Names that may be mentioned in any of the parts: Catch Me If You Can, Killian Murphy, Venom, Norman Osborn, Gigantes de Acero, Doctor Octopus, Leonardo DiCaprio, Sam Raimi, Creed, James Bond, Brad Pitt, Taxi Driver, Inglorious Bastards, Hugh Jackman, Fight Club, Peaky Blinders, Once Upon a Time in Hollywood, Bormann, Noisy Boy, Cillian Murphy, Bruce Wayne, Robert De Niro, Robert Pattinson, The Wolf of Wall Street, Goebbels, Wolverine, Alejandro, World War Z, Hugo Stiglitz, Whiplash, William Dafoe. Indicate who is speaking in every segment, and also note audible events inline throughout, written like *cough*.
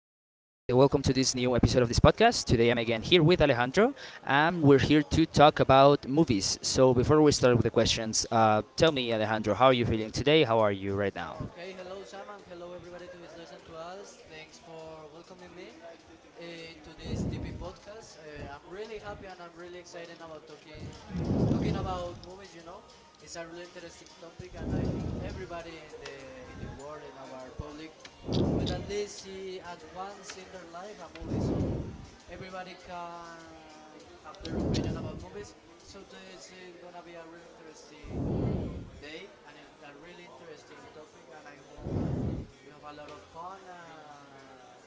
Speaker 1: Welcome to this new episode of this podcast. Today I'm again here with Alejandro, and we're here to talk about movies. So, before we start with the questions, tell me, Alejandro, how are you feeling today? How are you right now?
Speaker 2: Okay, hello Sam and hello everybody who is listening to us. Thanks for welcoming me into this TP podcast. I'm really happy and I'm really excited about talking about movies. It's a really interesting topic, and I think everybody in the world in our public will at least see at once in their life a movie. So everybody can have their opinion about movies. So today is gonna be a really interesting day, and it's a really interesting topic. And I hope you have a lot of fun. And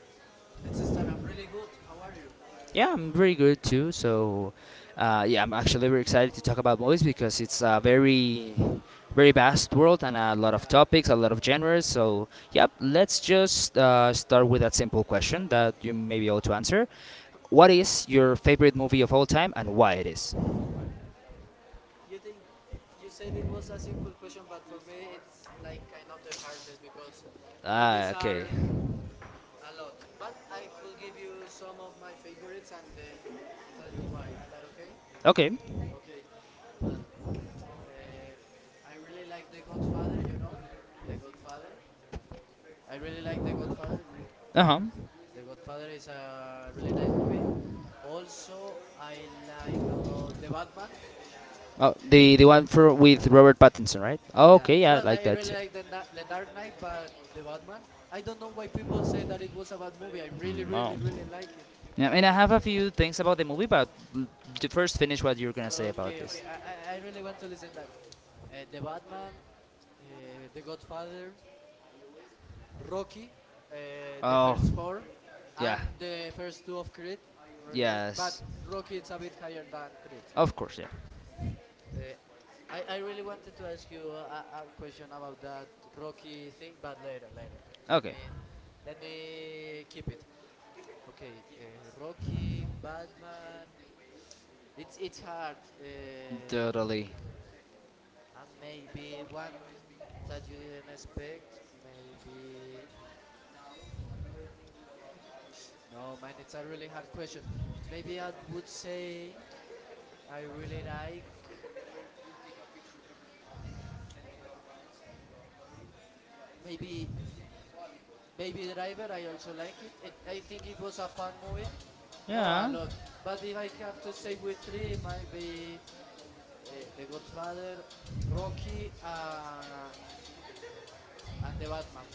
Speaker 2: let's start. I'm really good. How are you?
Speaker 1: Yeah, I'm very good too. So, yeah, I'm actually very excited to talk about movies because it's a very, very vast world and a lot of
Speaker 2: Yeah.
Speaker 1: topics, a lot of genres. So, yep, let's just start with that simple question that you may be able to answer. What is your favorite movie of all time and why it is?
Speaker 2: You think you said it was a simple question, but for me it's like kind of the hardest because
Speaker 1: Ah,
Speaker 2: movies
Speaker 1: okay.
Speaker 2: are a lot. But I could give you some of my favorites and then tell you why. Is that okay?
Speaker 1: Okay.
Speaker 2: Okay. Well, uh, I really like The Godfather. You know, The Godfather. I really like The Godfather. You
Speaker 1: Uh huh.
Speaker 2: The Godfather is a really nice movie. Also, I like a lot The Batman.
Speaker 1: Oh, the one for with Robert Pattinson, right? Oh,
Speaker 2: Yeah.
Speaker 1: okay, yeah, I
Speaker 2: Well,
Speaker 1: like
Speaker 2: I
Speaker 1: that
Speaker 2: really
Speaker 1: too.
Speaker 2: like the Dark Knight, but The Batman. I don't know why people say that it was a bad movie. I really,
Speaker 1: No.
Speaker 2: really, really like it.
Speaker 1: Yeah, I mean, I have a few things about the movie, but l- to first finish what you're gonna say about
Speaker 2: Okay,
Speaker 1: this.
Speaker 2: okay. I really want to listen that. The Batman, The Godfather, Rocky, the
Speaker 1: Oh,
Speaker 2: first four,
Speaker 1: yeah,
Speaker 2: and the first two of Creed. Really good. But
Speaker 1: yes,
Speaker 2: Rocky is a bit higher than Creed.
Speaker 1: of course, yeah.
Speaker 2: Uh, I really wanted to ask you a question about that Rocky thing, but later, later. Let
Speaker 1: Okay,
Speaker 2: me let me keep it. Okay, Rocky, Batman. It's hard,
Speaker 1: totally.
Speaker 2: and maybe one that you didn't expect. Maybe no, man. It's a really hard question. Maybe I would say I really like maybe Baby Driver. I also like it. I think it was a fun movie. No, a
Speaker 1: Yeah,
Speaker 2: lot. But if I have to say with three, it might be The Godfather, Rocky, and The Batman.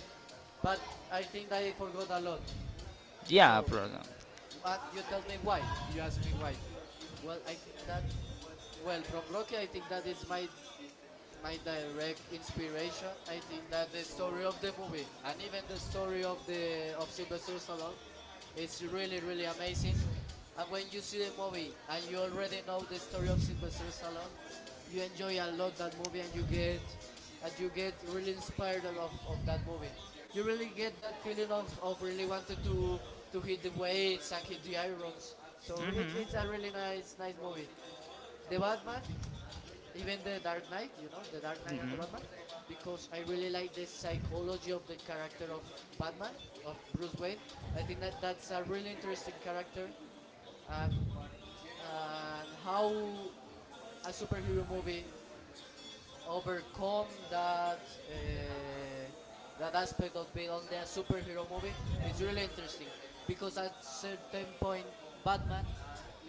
Speaker 2: But I think that I forgot a lot.
Speaker 1: yeah,
Speaker 2: So,
Speaker 1: bro.
Speaker 2: and you tell me why. You ask me why. Well, I think that well from Rocky, I think that is my direct inspiration. I think that the story of the movie and even the story of Sylvester Stallone is really really amazing. And when you see the movie and you already know the story of Sylvester Stallone, you enjoy a lot that movie and you get really inspired of that movie. You really get that feeling of really wanted to hit the weights and hit the irons. So it's a really nice movie. The Batman, even the Dark Knight, the Dark Knight and the Batman, because I really like the psychology of the character of Batman, of Bruce Wayne. I think that that's a really interesting character, and and how a superhero movie overcome uh, that aspect of being only a superhero movie. It's really interesting because at certain point, Batman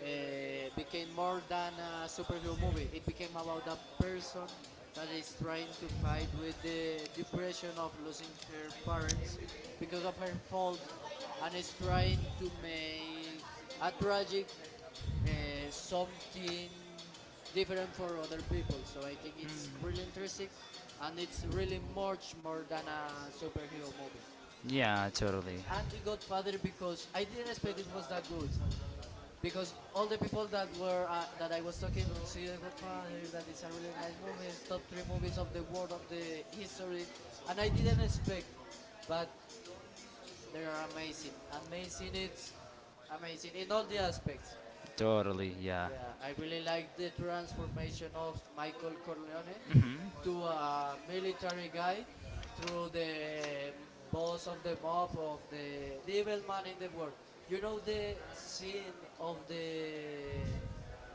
Speaker 2: became more than a superhero movie. It became about a person that is trying to fight with the depression of losing her parents because of her fault, and is trying to make a tragic something different for other people. So I think it's really interesting and it's really much more than a superhero movie.
Speaker 1: Yeah, totally.
Speaker 2: And The Godfather, because I didn't expect it was that good, because all the people that I was talking see The Godfather, that is a really nice movie, it's top three movies of the world of the history, and I didn't expect, but they are amazing, amazing. It's amazing in all the aspects.
Speaker 1: Totally, yeah.
Speaker 2: Yeah, I really like the transformation of Michael Corleone
Speaker 1: Mhm.
Speaker 2: to a military guy, through the boss of the mob, of the evil man in the world. You know the scene of the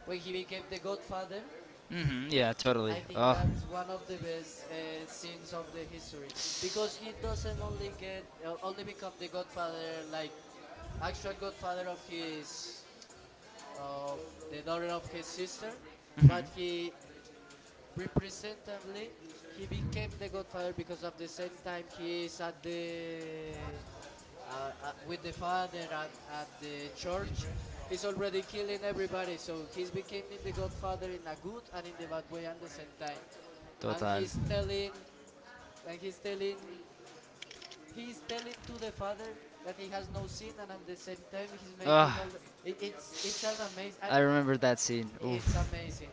Speaker 2: when he became the Godfather.
Speaker 1: Hmm, yeah, totally.
Speaker 2: I think
Speaker 1: Oh, hmm,
Speaker 2: that's one of the best scenes of the history, because he doesn't only get only become the Godfather, like actual Godfather of his of the daughter of his sister, but he representatively he became the godfather, because at the same time he is at the with the father at the church, he's already killing everybody. So he's becoming the godfather in a good and in the bad way at the same time, and and he's telling he's telling to the father that he has no sin, and at the same time he's making all the it's an amazing,
Speaker 1: I remember that scene.
Speaker 2: it's
Speaker 1: Oof.
Speaker 2: amazing.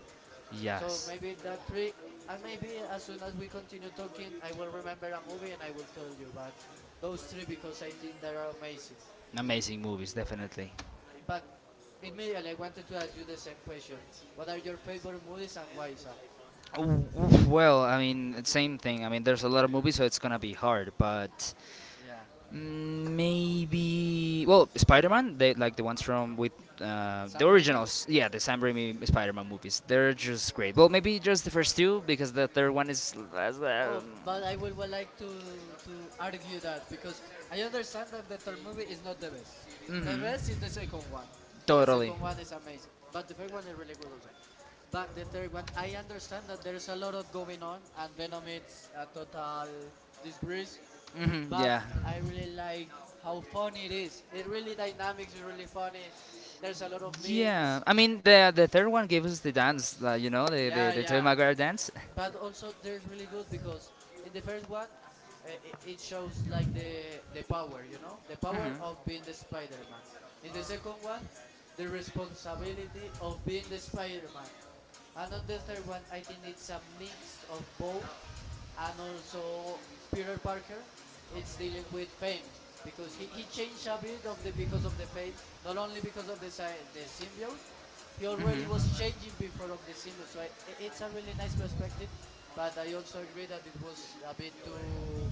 Speaker 2: So
Speaker 1: Yes.
Speaker 2: maybe that three, and maybe as soon as we continue talking, I will remember a movie and I will tell you. But those three, because I think they are amazing.
Speaker 1: Amazing movies, definitely.
Speaker 2: But immediately I wanted to ask you the same question: What are your favorite movies and why, Sam?
Speaker 1: Well, I mean, same thing. I mean, there's a lot of movies, so it's gonna be hard. But
Speaker 2: Yeah,
Speaker 1: mm, maybe well, Spider-Man, they like the ones from with
Speaker 2: Sam
Speaker 1: the
Speaker 2: Raimi.
Speaker 1: originals. Yeah, the Sam Raimi Spider-Man movies. They're just great. Well, maybe just the first two because the third one is. Less,
Speaker 2: Oh,
Speaker 1: but
Speaker 2: but I will would like to argue that, because I understand that the third movie is not the best. The
Speaker 1: mhm,
Speaker 2: best is the second one. The
Speaker 1: totally
Speaker 2: second one is amazing, but the first one is really good also. But the third one, I understand that there's a lot of going on and Venom is a total disgrace.
Speaker 1: hmm
Speaker 2: But
Speaker 1: yeah.
Speaker 2: I really like how funny it is. It's really dynamic. It's really funny. There's a lot of
Speaker 1: Yeah,
Speaker 2: memes.
Speaker 1: I mean the third one gave us the dance, you know, the
Speaker 2: Yeah,
Speaker 1: the Tobey
Speaker 2: yeah.
Speaker 1: Maguire dance.
Speaker 2: But also there's really good, because in the first one it shows like the power, the power of being the Spider-Man. In the second one, the responsibility of being the Spider-Man. And on the third one, I think it's a mix of both, and also Peter Parker, it's dealing with fame, because he changed a bit of the because of the fame, not only because of the symbiote. He already was changing before of the symbiote. So it's a really nice perspective, but I also agree that it was a bit too.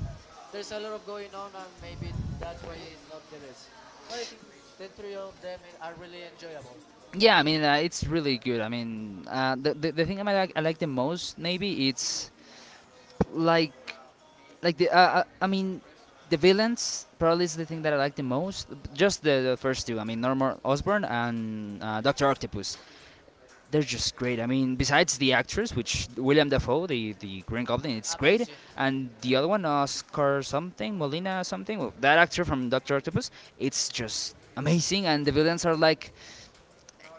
Speaker 2: There's a lot of going on, and maybe that's why it's not the best. But I think the three of them are really enjoyable.
Speaker 1: Yeah, I mean it's really good. I mean the, the thing I like the most maybe it's like like the I mean the villains probably is the thing that I like the most. Just the first two. I mean Norman Osborn and Doctor Octopus. They're just great. I mean, besides the actress, which William Dafoe, the Green Goblin, it's
Speaker 2: a-
Speaker 1: great,
Speaker 2: amazing.
Speaker 1: and the other one, Oscar something, Molina something, well, that actor from Doctor Octopus, it's just amazing. And the
Speaker 2: Yeah.
Speaker 1: villains are like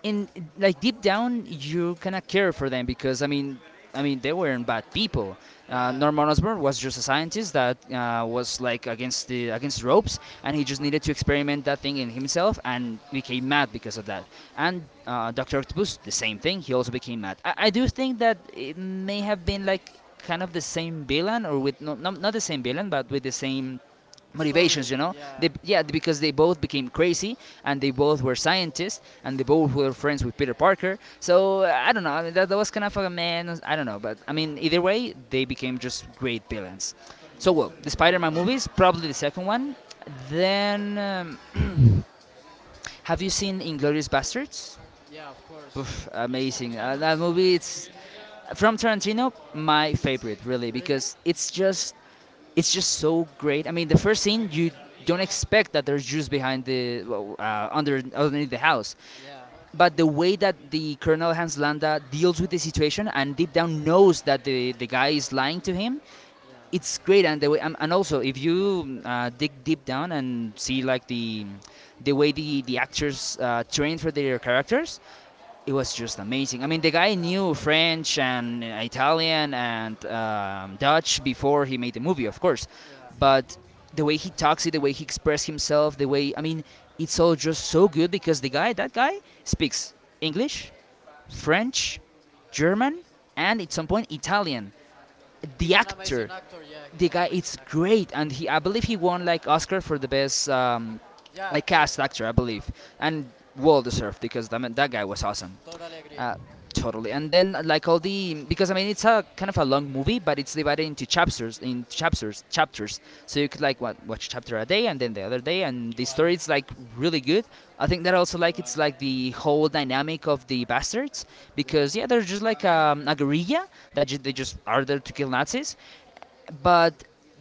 Speaker 1: and like deep down you kind of care for them because I mean they weren't bad people.
Speaker 2: Yeah,
Speaker 1: Norman Osborn was just a scientist that was like against the against ropes, and he just needed to experiment that thing in himself, and became mad because of that. And Doctor Octopus, the same thing. He also became mad. I do think that it may have been like kind of the same villain, or with no, not the same villain, but with the same
Speaker 2: a
Speaker 1: motivations,
Speaker 2: story,
Speaker 1: you know.
Speaker 2: yeah,
Speaker 1: They yeah because they both became crazy and they both were scientists and they both were friends with Peter Parker, so I don't know. I mean, that was kind of a man, I don't know, but I mean either way they became just great villains. So well, the Spider-Man movies, probably the second one, then have you seen Inglorious Bastards?
Speaker 2: yeah, of course.
Speaker 1: Oof, amazing, that movie, it's from Tarantino, my favorite, really,
Speaker 2: Really?
Speaker 1: because it's just so great. I mean, the first scene you don't expect that there's Jews behind the well, under underneath the house,
Speaker 2: Yeah,
Speaker 1: but the way that the Colonel Hans Landa deals with the situation and deep down knows that the guy is lying to him,
Speaker 2: yeah,
Speaker 1: it's great. And the way and also if you dig deep down and see like the way the actors train for their characters, it was just amazing. I mean, the guy
Speaker 2: yeah, of
Speaker 1: knew
Speaker 2: course.
Speaker 1: French and Italian and Dutch before he made the movie, of course,
Speaker 2: Yeah,
Speaker 1: but the way he talks it, the way he expresses himself, the way I mean, it's all just so good because the guy, that guy, speaks English, French, German, and at some point Italian.
Speaker 2: he's
Speaker 1: The
Speaker 2: an amazing
Speaker 1: actor,
Speaker 2: actor. Yeah,
Speaker 1: the
Speaker 2: he's an
Speaker 1: guy,
Speaker 2: amazing
Speaker 1: it's
Speaker 2: actor.
Speaker 1: great, and he, I believe he won like Oscar for the best
Speaker 2: Yeah,
Speaker 1: like
Speaker 2: and
Speaker 1: cast actor, I believe, and well deserved because I mean, that guy was awesome.
Speaker 2: totally agree.
Speaker 1: Uh, Totally. And then like all the because I mean it's a kind of a long movie, but it's divided into chapters, chapters. So you could like
Speaker 2: Yeah,
Speaker 1: what watch chapter a day and then the other day, and the story is like really good. I think that also like it's like the whole dynamic of the bastards
Speaker 2: yeah,
Speaker 1: because yeah, they're just like a guerrilla that they just are there to kill Nazis, but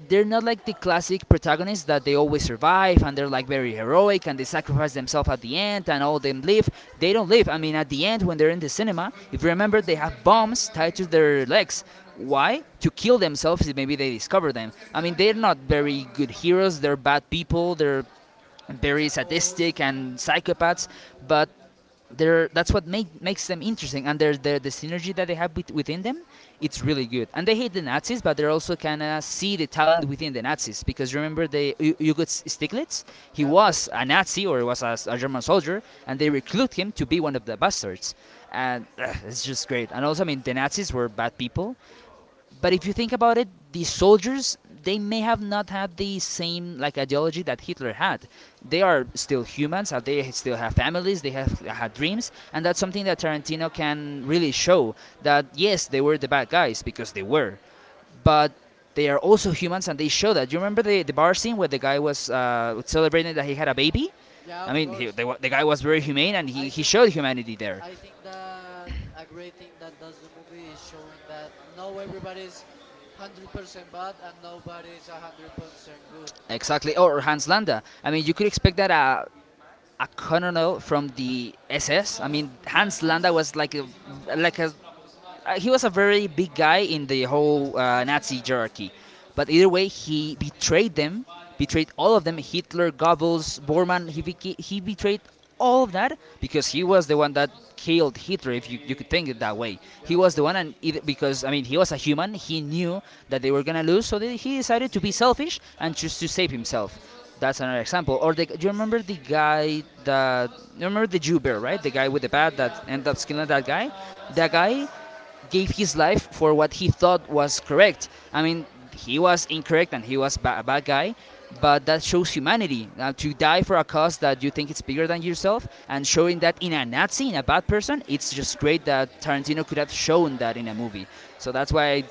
Speaker 1: they're not like the classic protagonists that they always survive and they're like very heroic and they sacrifice themselves at the end and all of them live. They don't live. I mean, at the end when they're in the cinema, if you remember, they have bombs tied to their legs. Why? To kill themselves if maybe they discover them. I mean, they're not very good heroes. They're bad people. They're very sadistic and psychopaths, but they're, that's what makes them interesting. And there's the synergy that they have with, within them, it's really good. And they hate the Nazis, but they're also kind of see the talent within the Nazis. Because remember, they Hugo Stiglitz, he
Speaker 2: yeah, of
Speaker 1: was
Speaker 2: course.
Speaker 1: a Nazi or was a German soldier, and they recruit him to be one of the bastards. And it's just great. And also, I mean, the Nazis were bad people, but if you think about it, these soldiers they may have not had the same like ideology that Hitler had. They are still humans, and they still have families, they have had dreams, and that's something that Tarantino can really show that yes, they were the bad guys because they were, but they are also humans and they show that. You remember the bar scene where the guy was celebrating that he had a baby?
Speaker 2: Yeah,
Speaker 1: I
Speaker 2: of
Speaker 1: mean,
Speaker 2: course.
Speaker 1: the guy was
Speaker 2: Yeah,
Speaker 1: very
Speaker 2: yeah.
Speaker 1: humane and
Speaker 2: I
Speaker 1: he
Speaker 2: think
Speaker 1: showed humanity there.
Speaker 2: I think that a great thing that does the movie is showing that no, everybody's 100% bad and nobody's 100% good.
Speaker 1: Exactly. Or Hans Landa. I mean, you could expect that a colonel from the SS. I mean, Hans Landa was like a he was a very big guy in the whole Nazi hierarchy. But either way, he betrayed them, betrayed all of them. Hitler, Goebbels, Bormann, he betrayed all of that because he was the one that killed Hitler, if you could think it that way.
Speaker 2: Yeah,
Speaker 1: He
Speaker 2: of
Speaker 1: was the one,
Speaker 2: course.
Speaker 1: and it, because, I mean, he was a human, he knew that they were gonna lose, so he decided to be selfish and choose to save himself. That's another example. Or the, do you remember the guy that you remember the Jew bear, right? The guy with the bat
Speaker 2: Yeah,
Speaker 1: that
Speaker 2: of
Speaker 1: ended
Speaker 2: course,
Speaker 1: up
Speaker 2: of
Speaker 1: killing
Speaker 2: course.
Speaker 1: that guy. That guy gave his life for what he thought was correct. I mean, he was incorrect and he was a bad guy, but that shows humanity. Now, to die for a cause that you think it's bigger than yourself, and showing that in a Nazi, in a bad person, it's just great that Tarantino could have shown that in a movie. So that's why I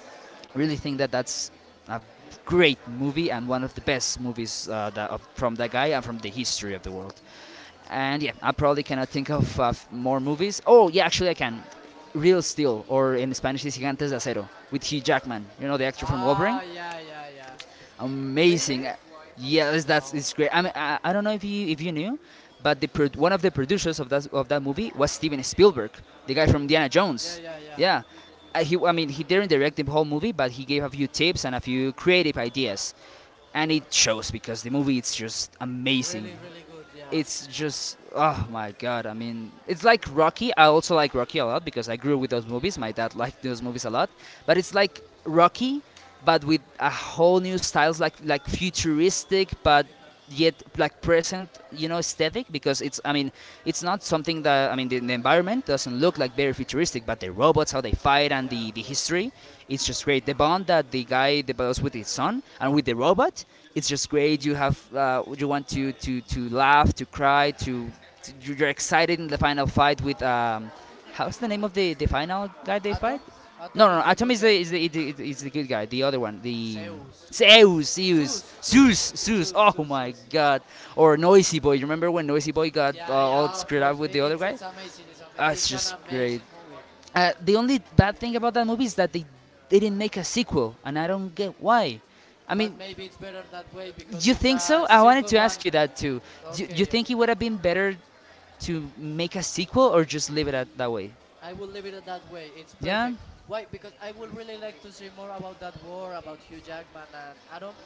Speaker 1: really think that that's a great movie and one of the best movies from that guy and from the history of the world. And yeah, I probably cannot think of more movies. Oh, yeah, actually I can. Real Steel, or in Spanish is Gigantes de Acero, with Hugh Jackman. You know the actor from Wolverine.
Speaker 2: Ah, yeah, yeah, yeah. Really?
Speaker 1: Amazing. Yes, that's
Speaker 2: Wow.
Speaker 1: it's great. I mean, I don't know if you knew, but the one of the producers of that movie was Steven Spielberg, the guy
Speaker 2: Really?
Speaker 1: from Indiana
Speaker 2: Yeah,
Speaker 1: Jones.
Speaker 2: yeah, yeah.
Speaker 1: Yeah, he I mean he didn't direct the whole movie, but he gave a few tips and a few creative ideas, and it shows because the movie it's just amazing.
Speaker 2: Really, really good. Yeah.
Speaker 1: It's just oh my god, I mean it's like Rocky. I also like Rocky a lot because I grew with those movies, my dad liked those movies a lot, but
Speaker 2: Yeah,
Speaker 1: it's like Rocky but with a whole new styles, like futuristic but yet like present, you know, aesthetic, because it's I mean it's not something that I mean the environment doesn't look like very futuristic, but the robots how they fight and
Speaker 2: yeah, of
Speaker 1: the
Speaker 2: course.
Speaker 1: history, it's just great. The bond that the guy develops with his son and with the robot, it's just great. You have you want to to laugh, to cry, to you're excited in the final fight with how's the name of the final guy they fight?
Speaker 2: Atom?
Speaker 1: No,
Speaker 2: Atom
Speaker 1: no, no
Speaker 2: is the
Speaker 1: Atom
Speaker 2: good
Speaker 1: is the
Speaker 2: guy.
Speaker 1: is the, is the is the good guy. The other one, the
Speaker 2: Zeus.
Speaker 1: Zeus,
Speaker 2: Zeus, Zeus,
Speaker 1: Zeus.
Speaker 2: Zeus,
Speaker 1: Oh
Speaker 2: Zeus,
Speaker 1: my
Speaker 2: Zeus.
Speaker 1: God! Or Noisy Boy. You remember when Noisy Boy got
Speaker 2: Yeah,
Speaker 1: all
Speaker 2: yeah, of
Speaker 1: screwed up
Speaker 2: course. I
Speaker 1: with the other guy?
Speaker 2: it's amazing. It's ama-
Speaker 1: It's
Speaker 2: It's an
Speaker 1: just great.
Speaker 2: amazing movie.
Speaker 1: The only bad thing about that movie is that they didn't make a sequel, and I don't get why. I
Speaker 2: But
Speaker 1: mean,
Speaker 2: maybe it's better that way, because
Speaker 1: you
Speaker 2: it's
Speaker 1: think
Speaker 2: a
Speaker 1: so? I wanted
Speaker 2: circle
Speaker 1: to
Speaker 2: one.
Speaker 1: ask you that too. Do you
Speaker 2: Okay,
Speaker 1: think
Speaker 2: okay.
Speaker 1: it would have been better to make a sequel or just leave it at that way?
Speaker 2: I will leave it at that way. It's
Speaker 1: Yeah.
Speaker 2: perfect. Why? Because I would really like to see more about that war, about Hugh Jackman and Adam,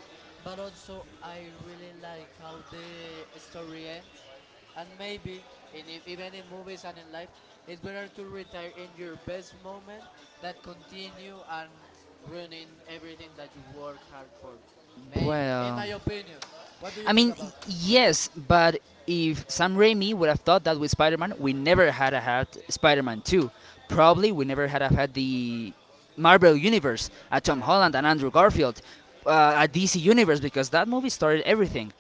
Speaker 2: but also I really like how the story ends. And maybe even in movies and in life, it's better to retire in your best moment than continue and ruining everything that you work hard for. Maybe, in
Speaker 1: Well,
Speaker 2: my opinion. What do you
Speaker 1: I
Speaker 2: think
Speaker 1: mean,
Speaker 2: about?
Speaker 1: yes, but if Sam Raimi would have thought that with Spider-Man, we never had Spider-Man 2. Probably we never had have had the Marvel Universe, a Tom
Speaker 2: Yeah,
Speaker 1: Holland and Andrew Garfield, a DC Universe because that movie started everything.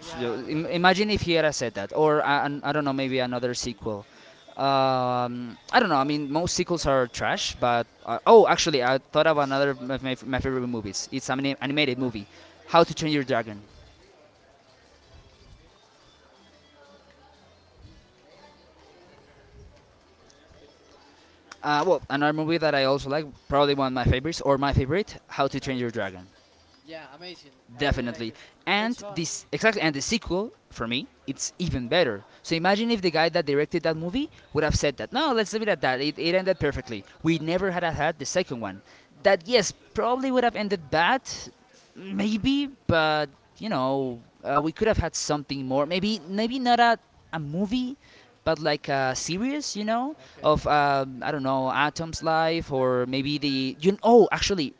Speaker 2: yeah,
Speaker 1: Imagine if Hiera said that, or I don't know, maybe another sequel. I don't know. I mean, most sequels are trash, but oh, actually, I thought of another of my favorite movies. It's an animated movie, How to Train Your Dragon. Well, another movie that I also like, probably one of my favorites or my favorite, How to Train Your Dragon.
Speaker 2: yeah. Amazing. I really like
Speaker 1: Definitely.
Speaker 2: it. It's
Speaker 1: And
Speaker 2: fun.
Speaker 1: this exactly and the sequel for me, it's even better. So imagine if the guy that directed that movie would have said that. No, let's leave it at that. It ended perfectly. We never had the second one. That
Speaker 2: Alright.
Speaker 1: yes, probably would have ended bad, maybe, but you know, we could have had something more. Maybe not a movie, but like a series, you know,
Speaker 2: Okay.
Speaker 1: of I don't know, Atom's life or maybe the you. Oh, actually,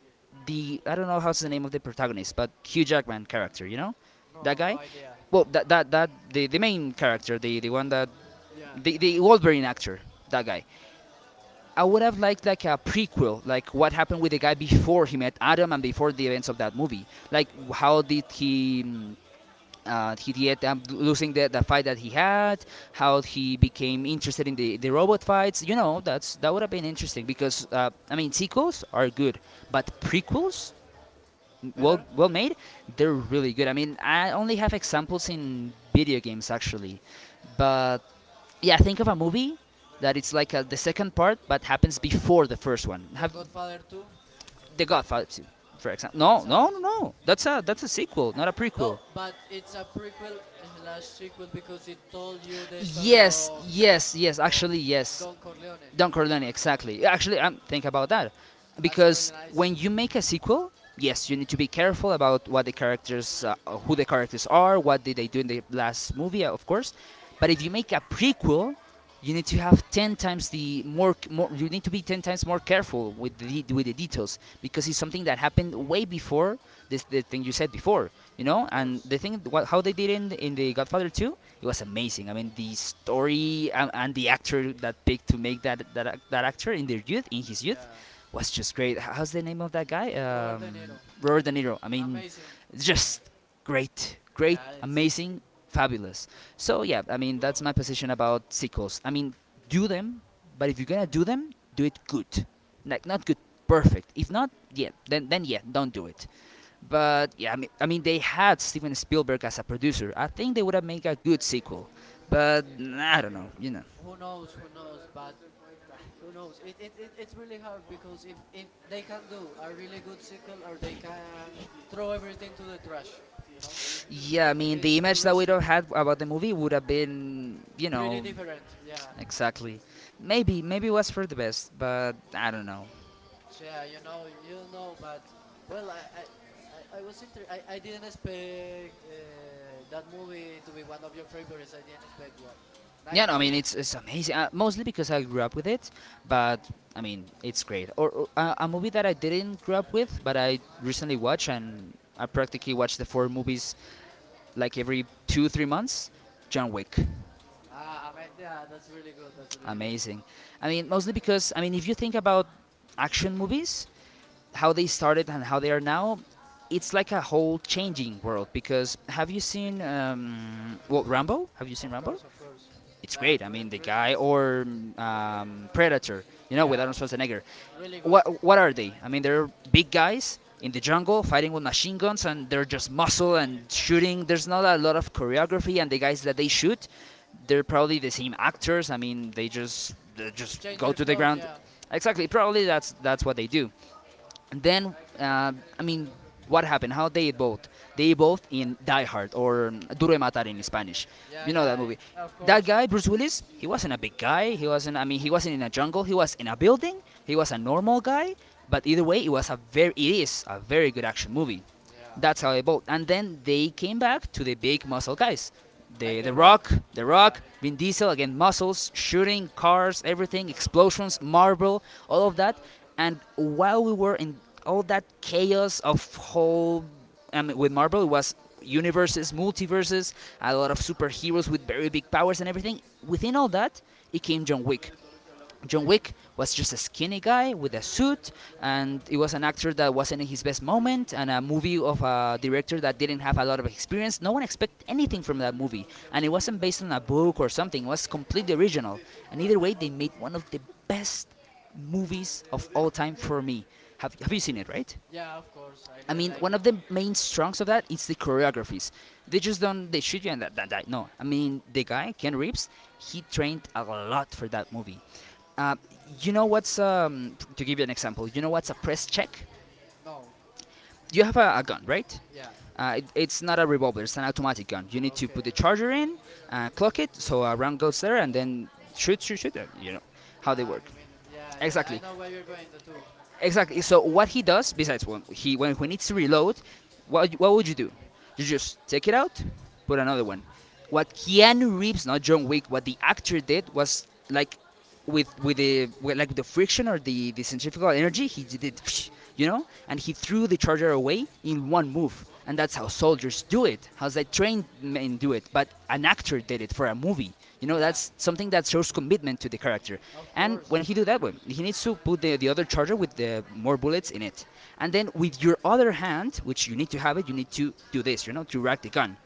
Speaker 1: the I don't know how's the name of the protagonist, but Hugh Jackman character, you know, that
Speaker 2: No, no
Speaker 1: guy.
Speaker 2: idea.
Speaker 1: Well, the main character, the one that
Speaker 2: Yeah.
Speaker 1: the Wolverine actor, that guy. I would have liked like a prequel, like what happened with the guy before he met Adam and before the events of that movie. Like how did he? He did losing the fight that he had. How he became interested in the robot fights. You know, that's that would have been interesting because I mean sequels are good, but prequels
Speaker 2: Better?
Speaker 1: well made, they're really good. I mean, I only have examples in video games actually, but yeah, think of a movie that it's like the second part but happens before the first one.
Speaker 2: The
Speaker 1: Have
Speaker 2: Godfather 2?
Speaker 1: The Godfather 2, for example.
Speaker 2: It's
Speaker 1: No,
Speaker 2: amazing.
Speaker 1: No. That's a sequel, not a
Speaker 2: No,
Speaker 1: prequel.
Speaker 2: but it's a prequel slash sequel, because it told you the story of
Speaker 1: Yes.
Speaker 2: of
Speaker 1: Actually, yes.
Speaker 2: Don Corleone.
Speaker 1: Don Corleone, exactly. Actually, think about that,
Speaker 2: That's a really
Speaker 1: because
Speaker 2: nice,
Speaker 1: when you make a sequel, yes, you need to be careful about what the characters, who the characters are, what did they do in the last movie, of course. But if you make a prequel, you need to have 10 times more, you need to be 10 times more careful with the details because it's something that happened way before this the thing you said before, you know,
Speaker 2: of
Speaker 1: and
Speaker 2: course.
Speaker 1: the thing what how they did in the godfather 2. It was amazing. I mean, the story and the actor that picked to make that actor in in his youth,
Speaker 2: Yeah.
Speaker 1: was just great. How's the name of that guy?
Speaker 2: Robert De Niro.
Speaker 1: Robert De Niro. I mean,
Speaker 2: Amazing. Yeah.
Speaker 1: just great, great,
Speaker 2: Yeah, it's
Speaker 1: amazing, fabulous. So yeah, I mean, that's my position about sequels. I mean, do them, but if you're gonna do them, do it good, like not good, perfect. If not, yeah, then yeah, don't do it. But yeah, I mean, they had Steven Spielberg as a producer. I think they would have made a good sequel. But nah, I don't know, you know.
Speaker 2: who knows, but who knows. It's really hard, because if they can do a really good sequel, or they can throw everything to the trash you know
Speaker 1: Yeah, I mean, the
Speaker 2: it's too
Speaker 1: image that we
Speaker 2: risky.
Speaker 1: don't have about the movie would have been, you
Speaker 2: Pretty
Speaker 1: know,
Speaker 2: different, yeah.
Speaker 1: exactly. Maybe it was for the best, but I don't know.
Speaker 2: So yeah, but well, I was I didn't expect that movie to be one of your favorites. I didn't expect well.
Speaker 1: Yeah,
Speaker 2: Nice
Speaker 1: no, I mean,
Speaker 2: movie.
Speaker 1: it's amazing. Mostly because I grew up with it, but I mean, it's great. Or a movie that I didn't grow up with, but I recently watched, and I practically watch the four movies like every two, 3 months. John Wick.
Speaker 2: Ah, I mean, yeah, that's really good. That's really good.
Speaker 1: Amazing. I mean, mostly because if you think about action movies, how they started and how they are now, it's like a whole changing world. Because have you seen well Rambo? Have you seen
Speaker 2: Of
Speaker 1: Rambo?
Speaker 2: course, of course.
Speaker 1: It's
Speaker 2: That's
Speaker 1: great. I mean, the
Speaker 2: really
Speaker 1: guy
Speaker 2: nice.
Speaker 1: or Predator, you know, with
Speaker 2: Yeah,
Speaker 1: Arnold Schwarzenegger.
Speaker 2: really good.
Speaker 1: What are they? I mean, they're big guys in the jungle fighting with machine guns, and they're just muscle and shooting. There's not a lot of choreography, and the guys that they shoot, they're probably the same actors. I mean, they just
Speaker 2: Change
Speaker 1: go
Speaker 2: their
Speaker 1: to the
Speaker 2: clothes,
Speaker 1: ground.
Speaker 2: yeah.
Speaker 1: Exactly. Probably that's what they do, then I mean, what happened? How they both in Die Hard or Duro de Matar in Spanish.
Speaker 2: Yeah,
Speaker 1: You know that
Speaker 2: yeah,
Speaker 1: movie.
Speaker 2: of
Speaker 1: That
Speaker 2: course.
Speaker 1: guy, Bruce Willis, he wasn't a big guy. He wasn't. I mean, he wasn't in a jungle. He was in a building. He was a normal guy. But either way, it was a very. It is a very good action movie.
Speaker 2: Yeah.
Speaker 1: That's how they evolved. And then they came back to the big muscle guys.
Speaker 2: Like The Rock.
Speaker 1: The
Speaker 2: Yeah,
Speaker 1: Rock, Vin Diesel, again, muscles, shooting, cars, everything,
Speaker 2: yeah,
Speaker 1: explosions, Marvel, all of that. And while we were in all that chaos of whole. I mean, with Marvel, it was universes, multiverses, a lot of superheroes with very big powers and everything. Within all that, it came John Wick. John Wick was just a skinny guy with a suit, and it was an actor that wasn't in his best moment, and a movie of a director that didn't have a lot of experience. No one expected anything from that movie, and it wasn't based on a book or something. It was completely original. And either way, they made one of the best movies of all time for me. Have you
Speaker 2: yeah.
Speaker 1: seen it, right?
Speaker 2: Yeah, of course. I
Speaker 1: I
Speaker 2: really
Speaker 1: mean,
Speaker 2: like
Speaker 1: one
Speaker 2: it.
Speaker 1: of the main strengths of that is the choreographies. They just don't they shoot you and that. No, I mean the guy Ken Reeves, he trained a lot for that movie. Uh, you know what's to give you an example. You know what's a press check?
Speaker 2: No.
Speaker 1: You have a gun, right?
Speaker 2: Yeah.
Speaker 1: It's not a revolver; it's an automatic gun. You need to put
Speaker 2: Okay.
Speaker 1: the charger in, clock it, so a round goes there, and then shoot. You know how they
Speaker 2: Ah,
Speaker 1: work.
Speaker 2: I mean, yeah, yeah. I
Speaker 1: Exactly,
Speaker 2: know where you're going, the two.
Speaker 1: exactly. So what he does, besides when he needs to reload, what would you do?
Speaker 2: I mean,
Speaker 1: You just take it out, put another one. What
Speaker 2: yeah.
Speaker 1: Keanu Reeves, not John Wick,
Speaker 2: Mm,
Speaker 1: what the actor did was like like the friction or the centrifugal energy, he did it, you know, and he threw the charger away in one move. And that's how
Speaker 2: yeah.
Speaker 1: soldiers do it. How that trained men do it? But an actor did it for a movie. You know,
Speaker 2: Yeah.
Speaker 1: that's something that shows commitment to the character.
Speaker 2: Of
Speaker 1: And
Speaker 2: course.
Speaker 1: when he do that one, he needs to put the other charger with the more bullets in it. And then with your other hand, which you need to have it, you need to do this, you know, to rack the gun,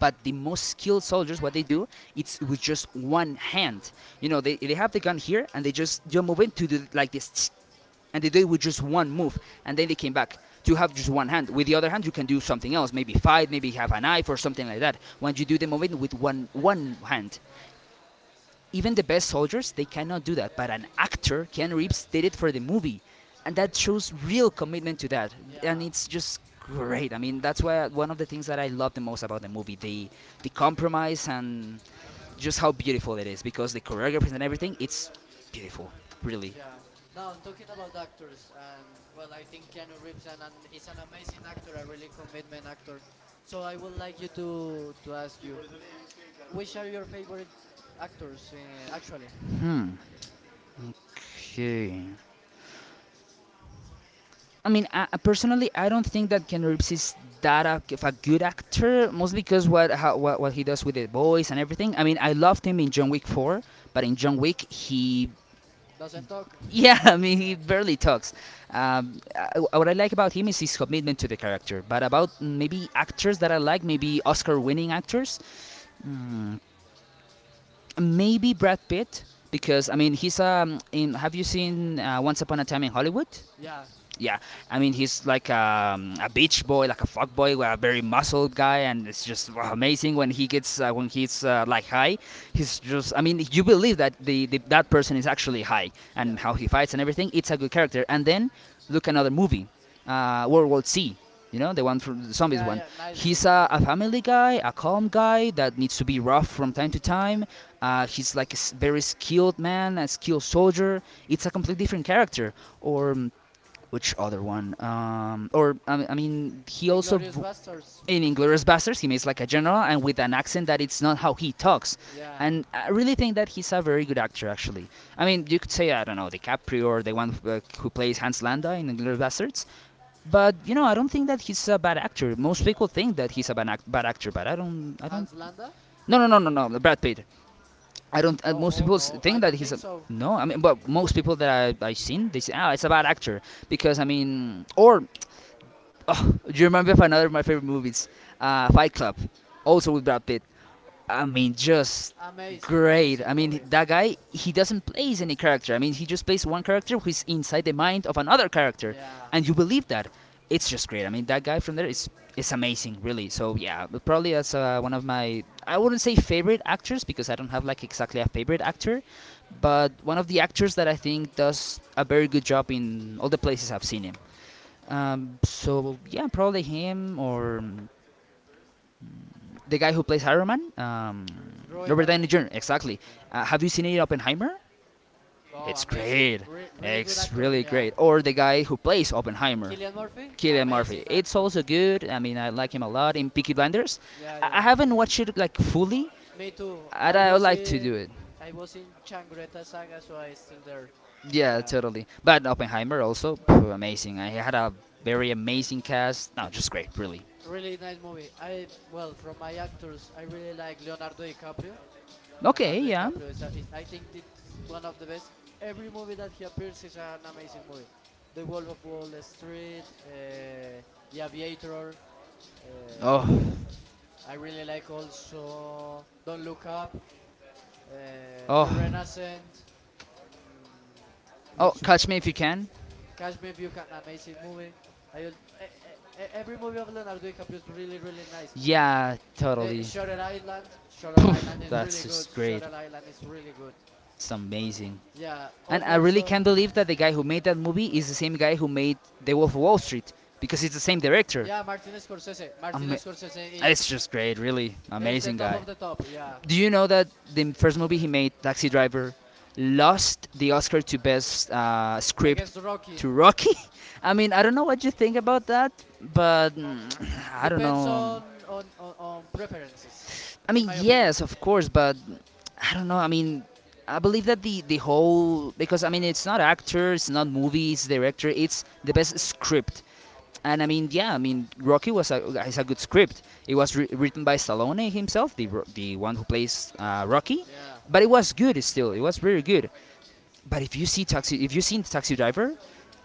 Speaker 1: but the most skilled soldiers what they do, it's with just one hand, you know, they have the gun here and they just do a movement to do like this, and they do it with just one move, and then they came back to have just one hand, with the other hand you can do something else, maybe fight, maybe have a knife or something like that when you do the movement with one hand. Even the best soldiers they cannot do that, but an actor Ken Reeves did it for the movie, and that shows real commitment to that, and
Speaker 2: Yeah.
Speaker 1: it's just great. I mean, that's why one of the things that I love the most about the movie, the compromise and just how beautiful it is, because the choreography and everything, it's beautiful, really.
Speaker 2: Yeah. Now I'm talking about actors, and well, I think Keanu Reeves is an amazing actor, a really commitment actor. So I would like you to ask you: which are your favorite actors? Actually,
Speaker 1: Hmm. Okay. I mean, I personally, I don't think that Ken Reeves is of a good actor, mostly because what, how, what he does with the voice and everything. I mean, I loved him in John Wick 4, but in John Wick, he
Speaker 2: doesn't talk. *laughs*
Speaker 1: yeah, *laughs* I mean, he
Speaker 2: Yeah,
Speaker 1: barely talks. What I like about him is his commitment to the character. But about maybe actors that I like, maybe Oscar-winning actors, mm, maybe Brad Pitt, because I mean, he's. In, have you seen Once Upon a Time in Hollywood?
Speaker 2: yeah,
Speaker 1: Yeah, I mean he's like a beach boy, like a fuck boy, a very muscled guy, and it's just wow, amazing when he gets when he's like high. He's just, I mean, you believe that the that person is actually high, and
Speaker 2: yeah,
Speaker 1: how he fights and everything. It's a good character. And then look, another movie, World War Z. You know, the one from the zombies
Speaker 2: yeah,
Speaker 1: one.
Speaker 2: yeah. Nice one,
Speaker 1: He's
Speaker 2: nice
Speaker 1: a family guy, a calm guy that needs to be rough from time to time. He's like a very skilled man, a skilled soldier. It's a completely different character. Or which other one? Or I mean, he
Speaker 2: one.
Speaker 1: also
Speaker 2: Inglorious
Speaker 1: v-
Speaker 2: Bastards.
Speaker 1: in Inglourious Basterds he makes like a general, and with an accent that it's not how he talks,
Speaker 2: Yeah,
Speaker 1: and I really think that he's a very good actor, actually. I mean, you could say, I don't know, DiCaprio, or the one who plays Hans Landa in Inglourious Basterds, but you know, I don't think that he's a bad actor. Most people think that he's a bad actor, but I don't. I don't.
Speaker 2: Hans Landa.
Speaker 1: No, no, no, no, no. Brad Pitt. I don't. Most
Speaker 2: No,
Speaker 1: people
Speaker 2: no, I
Speaker 1: think that
Speaker 2: don't
Speaker 1: he's
Speaker 2: think
Speaker 1: a.
Speaker 2: so.
Speaker 1: No. I mean, but most people that I've seen, they say, "Ah, oh, it's a bad actor," because I mean, or oh, you remember of another of my favorite movies, Fight Club, also with Brad Pitt. I mean, just
Speaker 2: Amazing,
Speaker 1: great. I
Speaker 2: amazing
Speaker 1: mean,
Speaker 2: movie.
Speaker 1: that guy, he doesn't plays any character. I mean, he just plays one character who is inside the mind of another character,
Speaker 2: Yeah,
Speaker 1: and you believe that. It's just great. I mean, that guy from there is amazing, really. So yeah, but probably that's one of my, I wouldn't say favorite actors, because I don't have like exactly a favorite actor, but one of the actors that I think does a very good job in all the places I've seen him. So yeah, probably him, or the guy who plays Iron Man,
Speaker 2: Roy
Speaker 1: Robert
Speaker 2: Downey
Speaker 1: Downey Jr.
Speaker 2: Jr.
Speaker 1: Exactly.
Speaker 2: Okay.
Speaker 1: Have you seen it, Oppenheimer?
Speaker 2: Oh,
Speaker 1: It's
Speaker 2: amazing.
Speaker 1: great.
Speaker 2: Really good
Speaker 1: It's
Speaker 2: actor.
Speaker 1: really
Speaker 2: Yeah,
Speaker 1: great. Or the guy who plays Oppenheimer,
Speaker 2: Killian Murphy.
Speaker 1: Killian Murphy.
Speaker 2: Amazing
Speaker 1: It's
Speaker 2: actor.
Speaker 1: also good. I mean, I like him a lot in Peaky Blinders.
Speaker 2: Yeah,
Speaker 1: I
Speaker 2: yeah.
Speaker 1: haven't watched it like fully,
Speaker 2: Me too.
Speaker 1: and I would like to do it.
Speaker 2: I was in Changreta Saga, so I still there.
Speaker 1: Yeah,
Speaker 2: Yeah.
Speaker 1: totally. But Oppenheimer also, phew, amazing. I had a very amazing cast. No, just great, really.
Speaker 2: Really nice movie. I well, from my actors, I really like Leonardo DiCaprio.
Speaker 1: Okay,
Speaker 2: Leonardo
Speaker 1: yeah.
Speaker 2: DiCaprio is, a, is I think it's one of the best. Every movie that he appears is an amazing movie. The Wolf of Wall Street, The Aviator.
Speaker 1: Oh,
Speaker 2: Uh, I really like also Don't Look Up, The
Speaker 1: oh.
Speaker 2: Renaissance, mm,
Speaker 1: Oh,
Speaker 2: which
Speaker 1: catch me if you can.
Speaker 2: Catch Me If You Can, amazing movie. I al- e- e- e- Every movie of Leonardo DiCaprio is really really nice.
Speaker 1: Yeah,
Speaker 2: The
Speaker 1: totally.
Speaker 2: Shutter Island, Shutter Island is
Speaker 1: That's
Speaker 2: really good.
Speaker 1: just great.
Speaker 2: Shutter Island is really good.
Speaker 1: It's amazing.
Speaker 2: Yeah,
Speaker 1: And
Speaker 2: and
Speaker 1: I really
Speaker 2: also,
Speaker 1: can't believe that the guy who made that movie is the same guy who made The Wolf of Wall Street, because it's the same director.
Speaker 2: yeah, Martin Scorsese. Martin
Speaker 1: Ama-
Speaker 2: Scorsese,
Speaker 1: it's
Speaker 2: it's
Speaker 1: just great, really.
Speaker 2: it's the
Speaker 1: Amazing
Speaker 2: top
Speaker 1: guy.
Speaker 2: of the top. Yeah,
Speaker 1: Do you know that the first movie he made, Taxi Driver, lost the Oscar to Best Script
Speaker 2: against Rocky.
Speaker 1: to Rocky? *laughs* I mean, I don't know what you think about that, but I don't
Speaker 2: Depends
Speaker 1: know.
Speaker 2: on preferences,
Speaker 1: I
Speaker 2: in
Speaker 1: mean,
Speaker 2: my opinion.
Speaker 1: yes, of course, but I don't know. I mean, I believe that the whole, because I mean, it's not actor, it's not movie, it's director, it's the best script. And I mean, yeah, I mean Rocky was a is a good script. It was written by Stallone himself, the the one who plays Rocky,
Speaker 2: Yeah,
Speaker 1: but it was good still. It was very good. But if you've seen Taxi Driver,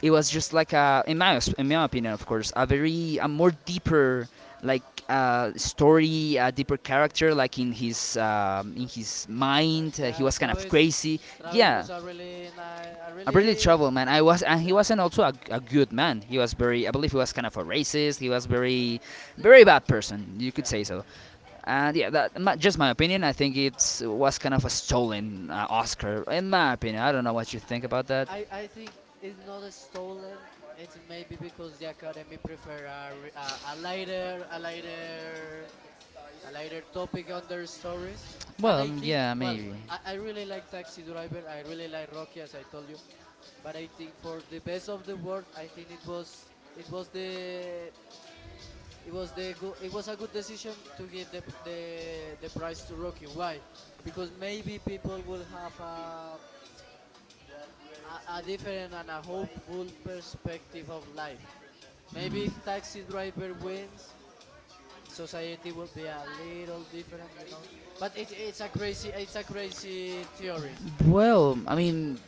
Speaker 1: it was just like a, in my opinion, of course, a very, a more deeper, like story, a deeper character, like in his mind, he
Speaker 2: yeah.
Speaker 1: was kind of
Speaker 2: Travis,
Speaker 1: crazy.
Speaker 2: Travis
Speaker 1: Yeah,
Speaker 2: was a really nice, a
Speaker 1: a really
Speaker 2: really,
Speaker 1: trouble man. I was, and he
Speaker 2: yeah,
Speaker 1: wasn't also a good man. He was very, I believe, he was kind of a racist. He was very, very bad person. You could
Speaker 2: yeah.
Speaker 1: say so. And yeah, that my, just my opinion. I think it was kind of a stolen Oscar, in my opinion. I don't know what you think about that.
Speaker 2: I think it's not a stolen. It's maybe because the academy prefer a lighter a lighter topic on their stories. And
Speaker 1: Well,
Speaker 2: I think
Speaker 1: yeah,
Speaker 2: well,
Speaker 1: maybe.
Speaker 2: I really like Taxi Driver. I really like Rocky, as I told you. But I think for the best of the world, I think it was the go- it was a good decision to give the pr- the prize to Rocky. Why? Because maybe people will have a different and a hopeful perspective of life. Maybe if taxi driver wins, society will be a little different, you know. But it's a crazy theory.
Speaker 1: Well, I mean,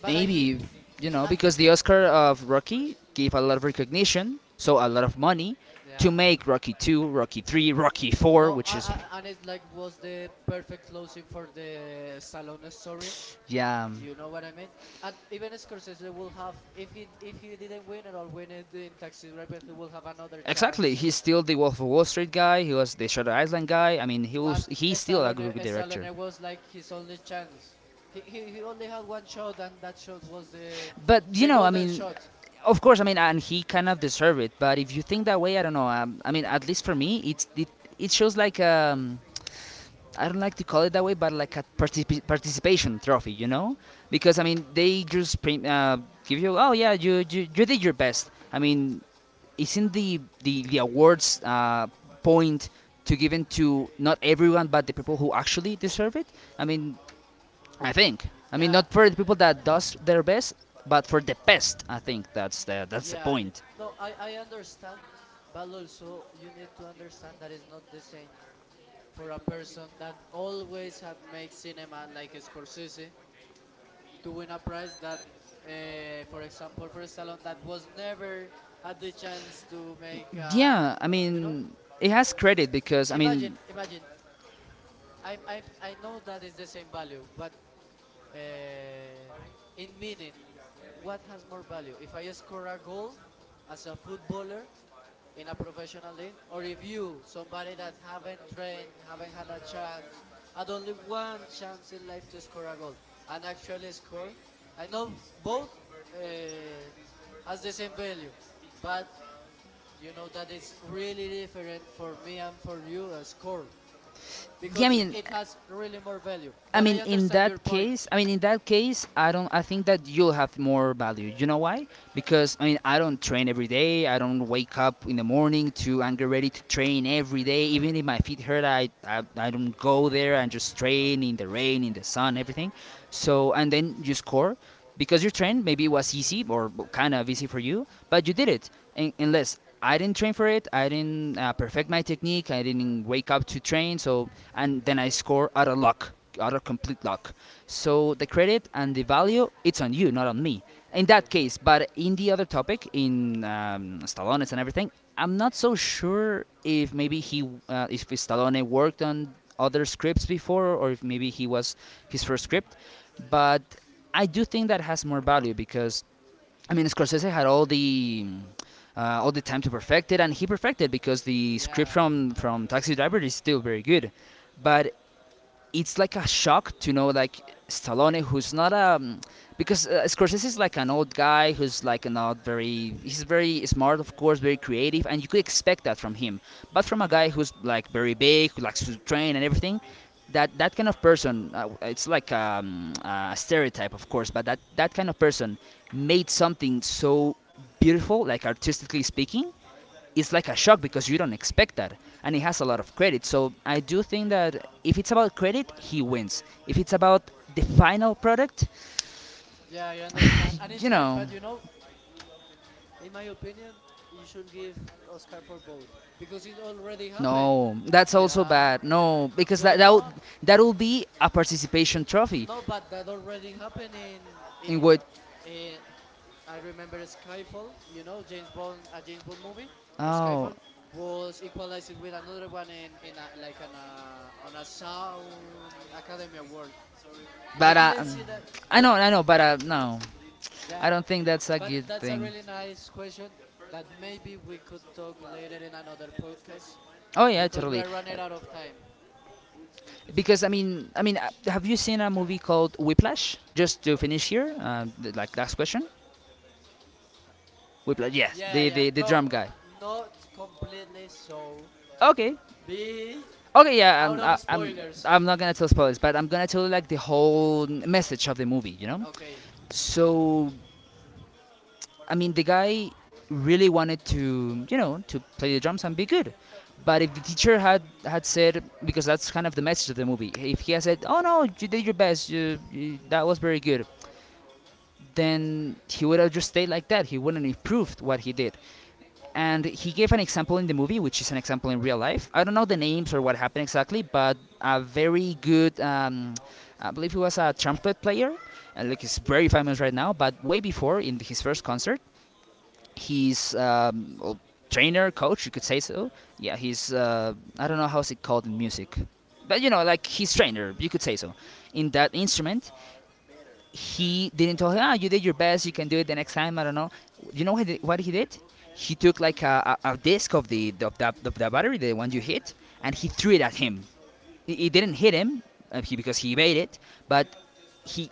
Speaker 2: But I think,
Speaker 1: maybe, you know,
Speaker 2: uh,
Speaker 1: because the Oscar of Rocky gave a
Speaker 2: yeah,
Speaker 1: lot of recognition, so a lot of money to
Speaker 2: yeah.
Speaker 1: make Rocky 2, Rocky 3, Rocky 4,
Speaker 2: No,
Speaker 1: which is
Speaker 2: and it's like was the perfect closing for the Stallone story.
Speaker 1: yeah,
Speaker 2: Do you know what I mean? And even Scorsese will have if he didn't win it or win it in Taxi Driver, he will have another
Speaker 1: exactly.
Speaker 2: chance.
Speaker 1: He's still the Wolf of Wall Street guy. He was the Shutter Island guy. I mean,
Speaker 2: But
Speaker 1: he's still a
Speaker 2: Esalone,
Speaker 1: good director.
Speaker 2: Esalone was like his only chance. He only had one shot, and that shot was
Speaker 1: But you
Speaker 2: the
Speaker 1: know, I
Speaker 2: golden
Speaker 1: mean,
Speaker 2: shot.
Speaker 1: of course, I mean, and he kind of deserved it. But if you think that way, I don't know. I mean, at least for me, it shows like I don't like to call it that way, but like a participation trophy, you know? Because I mean, they just give you, oh yeah, you did your best. I mean, isn't the awards point to given to not everyone, but the people who actually deserve it? I mean, I think. I mean,
Speaker 2: Yeah,
Speaker 1: not for the people that does their best, but for the best. I think that's the
Speaker 2: yeah, yeah.
Speaker 1: point.
Speaker 2: No, I understand, but also you need to understand that it's not the same for a person that always had made cinema like Scorsese to win a prize that, for example, for Stallone that was never had the chance to make.
Speaker 1: Yeah, I
Speaker 2: You know,
Speaker 1: mean, it has credit because I mean,
Speaker 2: imagine, imagine I know that is the same value, but uh, in meaning, what has more value? If I score a goal as a footballer in a professional league, or if you, somebody that haven't trained, haven't had a chance, had only one chance in life to score a goal, and actually score, I know both uh, has the same value, but you know that it's really different for me and for you a score
Speaker 1: yeah, I
Speaker 2: because
Speaker 1: mean,
Speaker 2: it has really more value.
Speaker 1: I
Speaker 2: But
Speaker 1: mean,
Speaker 2: I
Speaker 1: in
Speaker 2: understand your
Speaker 1: that case,
Speaker 2: point.
Speaker 1: I don't. I think that you'll have more value. You know why? Because I mean, I don't train every day. I don't wake up in the morning to and get ready to train every day. Even if my feet hurt, I don't go there and just train in the rain, in the sun, everything. So and then you score because you trained. Maybe it was easy or kind of easy for you, but you did it. And unless I didn't train for it, I didn't perfect my technique. I didn't wake up to train. So and then I score out of luck, out of complete luck. So the credit and the value, it's on you, not on me. In
Speaker 2: Okay.
Speaker 1: that case, but in the other topic, in Stallone's and everything, I'm not so sure if maybe if Stallone worked on other scripts before, or if maybe he was his first script. But I do think that has more value, because I mean, Scorsese had all the time to perfect it, and he perfected, because the script
Speaker 2: Yeah.
Speaker 1: from Taxi Driver is still very good. But it's like a shock to know, like Stallone, who's not a, because Scorsese is like an old guy who's like not very, he's very smart, of course, very creative, and you could expect that from him. But from a guy who's like very big, who likes to train and everything, that kind of person, it's like a stereotype, of course, but that kind of person made something so beautiful, like, artistically speaking, it's like a shock, because you don't expect that, and he
Speaker 2: Yeah,
Speaker 1: has
Speaker 2: of
Speaker 1: a lot of
Speaker 2: course.
Speaker 1: credit. So I do think that if it's about credit, he wins. If it's about the final product,
Speaker 2: Yeah, I understand. And it's
Speaker 1: you
Speaker 2: hard,
Speaker 1: know,
Speaker 2: but you know, in my opinion, you should give Oscar for both because it already happened.
Speaker 1: no, that's also
Speaker 2: Yeah.
Speaker 1: bad. No, because
Speaker 2: Why
Speaker 1: that would,
Speaker 2: not?
Speaker 1: that will be a participation trophy.
Speaker 2: No, but that already happened in i-
Speaker 1: In what?
Speaker 2: i- eh, I remember Skyfall. You know, James Bond, a James Bond movie,
Speaker 1: Oh,
Speaker 2: Skyfall, was equalized with another one in like an on a sound Academy Award. I
Speaker 1: but
Speaker 2: didn't see that.
Speaker 1: I
Speaker 2: Yeah,
Speaker 1: know, I know, but no, I
Speaker 2: that.
Speaker 1: don't think that's a
Speaker 2: But
Speaker 1: good
Speaker 2: that's a
Speaker 1: thing.
Speaker 2: really nice question that maybe we could talk later in another podcast
Speaker 1: Oh yeah,
Speaker 2: because we
Speaker 1: totally. Uh,
Speaker 2: are running out of time.
Speaker 1: Because I mean, have you seen a movie called Whiplash? Just to finish here, like last question. Whiplash, yes,
Speaker 2: Yeah,
Speaker 1: the
Speaker 2: yeah.
Speaker 1: the, the
Speaker 2: No,
Speaker 1: drum guy.
Speaker 2: not completely. So
Speaker 1: Okay,
Speaker 2: be
Speaker 1: okay, yeah,
Speaker 2: out
Speaker 1: I'm I,
Speaker 2: of spoilers.
Speaker 1: I'm not gonna tell spoilers, but I'm gonna tell you like the whole message of the movie.
Speaker 2: Okay,
Speaker 1: So I mean, the guy really wanted to, to play the drums and be good. But if the teacher had said, because that's kind of the message of the movie, if he had said, "Oh no, you did your best, that was very good," then he would have just stayed like that. He wouldn't have improved what he did. And he gave an example in the movie, which is an example in real life. I don't know the names or what happened exactly, but a very good, I believe he was a trumpet player, and like he's very famous right now. But way before, in his first concert, his well, trainer, coach, you could say so. Yeah, he's I don't know how's it called in music, but you know, like his trainer, you could say so. In that instrument, he didn't tell him, "Ah, oh, you did your best. You can do it the next time." I don't know. You know what he did? What he did? He took like a disc of the battery, the one you hit, and he threw it at him. It didn't hit him, because he made it, but he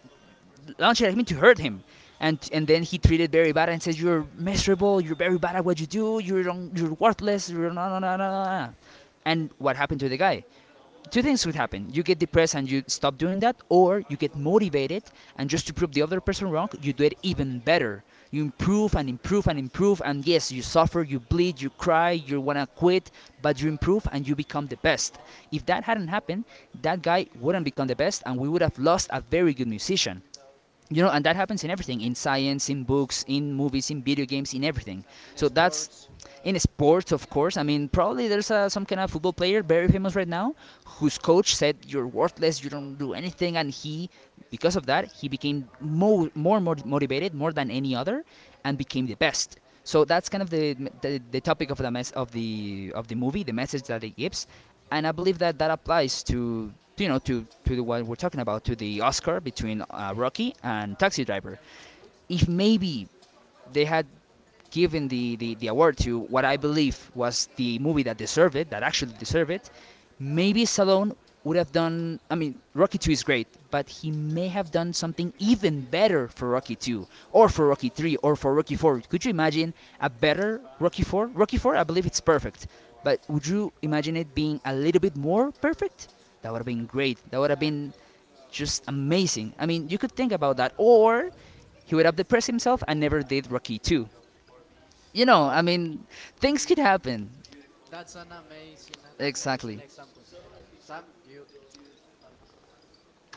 Speaker 1: launched it at him to hurt him. And then he treated very bad and says, "You're miserable, you're very bad at what you do, you're worthless, you're no, no, no, no, no, no." And what happened to the guy? Two things would happen: you get depressed and you stop doing that, or you get motivated, and just to prove the other person wrong, you do it even better. You improve and improve and improve, and yes, you suffer, you bleed, you cry, you want to quit, but you improve and you become the best. If that hadn't happened, that guy wouldn't become the best, and we would have lost a very good musician. You know, and that happens in everything, in science, in books, in movies, in video games, in everything.
Speaker 2: in
Speaker 1: So
Speaker 2: sports.
Speaker 1: that's, in sports, of course, I mean probably there's some kind of football player very famous right now, whose coach said, "You're worthless, you don't do anything," and he, because of that, he became more motivated, more than any other, and became the best. So that's kind of the the topic of the movie, the message that it gives. And I believe that that applies to, you know, to, the one we're talking about, to the Oscar between Rocky and Taxi Driver. If maybe they had given the award to what I believe was the movie that deserved it, that actually deserved it, maybe Stallone would have done. I mean, Rocky 2 is great, but he may have done something even better for Rocky 2, or for Rocky 3, or for Rocky 4. Could you imagine a better Rocky 4? Rocky 4, I believe it's perfect, but would you imagine it being a little bit more perfect? That would have been great. That would have been just amazing. I mean, you could think about that. Or he would have depressed himself and never did Rocky 2. You know, I
Speaker 2: Wow,
Speaker 1: mean, things could happen.
Speaker 2: that's an amazing
Speaker 1: Exactly.
Speaker 2: example. Sam, you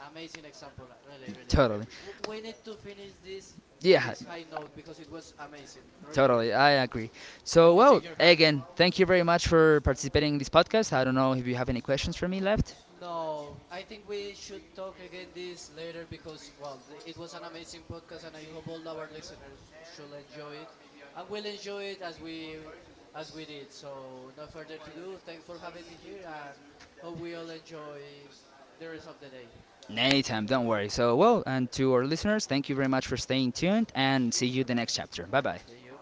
Speaker 2: amazing example, really, really.
Speaker 1: Totally.
Speaker 2: We need to finish this in
Speaker 1: Yeah,
Speaker 2: this high note because it was amazing, really, really.
Speaker 1: totally. I agree. So,
Speaker 2: Let me
Speaker 1: well,
Speaker 2: shake your hand.
Speaker 1: again, thank you very much for participating in this podcast. I don't know if you have any questions for me left.
Speaker 2: No, I think we should talk again this later because well, it was an amazing podcast, and I hope all our listeners should enjoy it, and will enjoy it as we did. So, no further to do. Thanks for having me here, and hope we all enjoy the rest of the day.
Speaker 1: Anytime, don't worry. So, well, and to our listeners, thank you very much for staying tuned, and see you the next chapter. Bye bye.
Speaker 2: See you.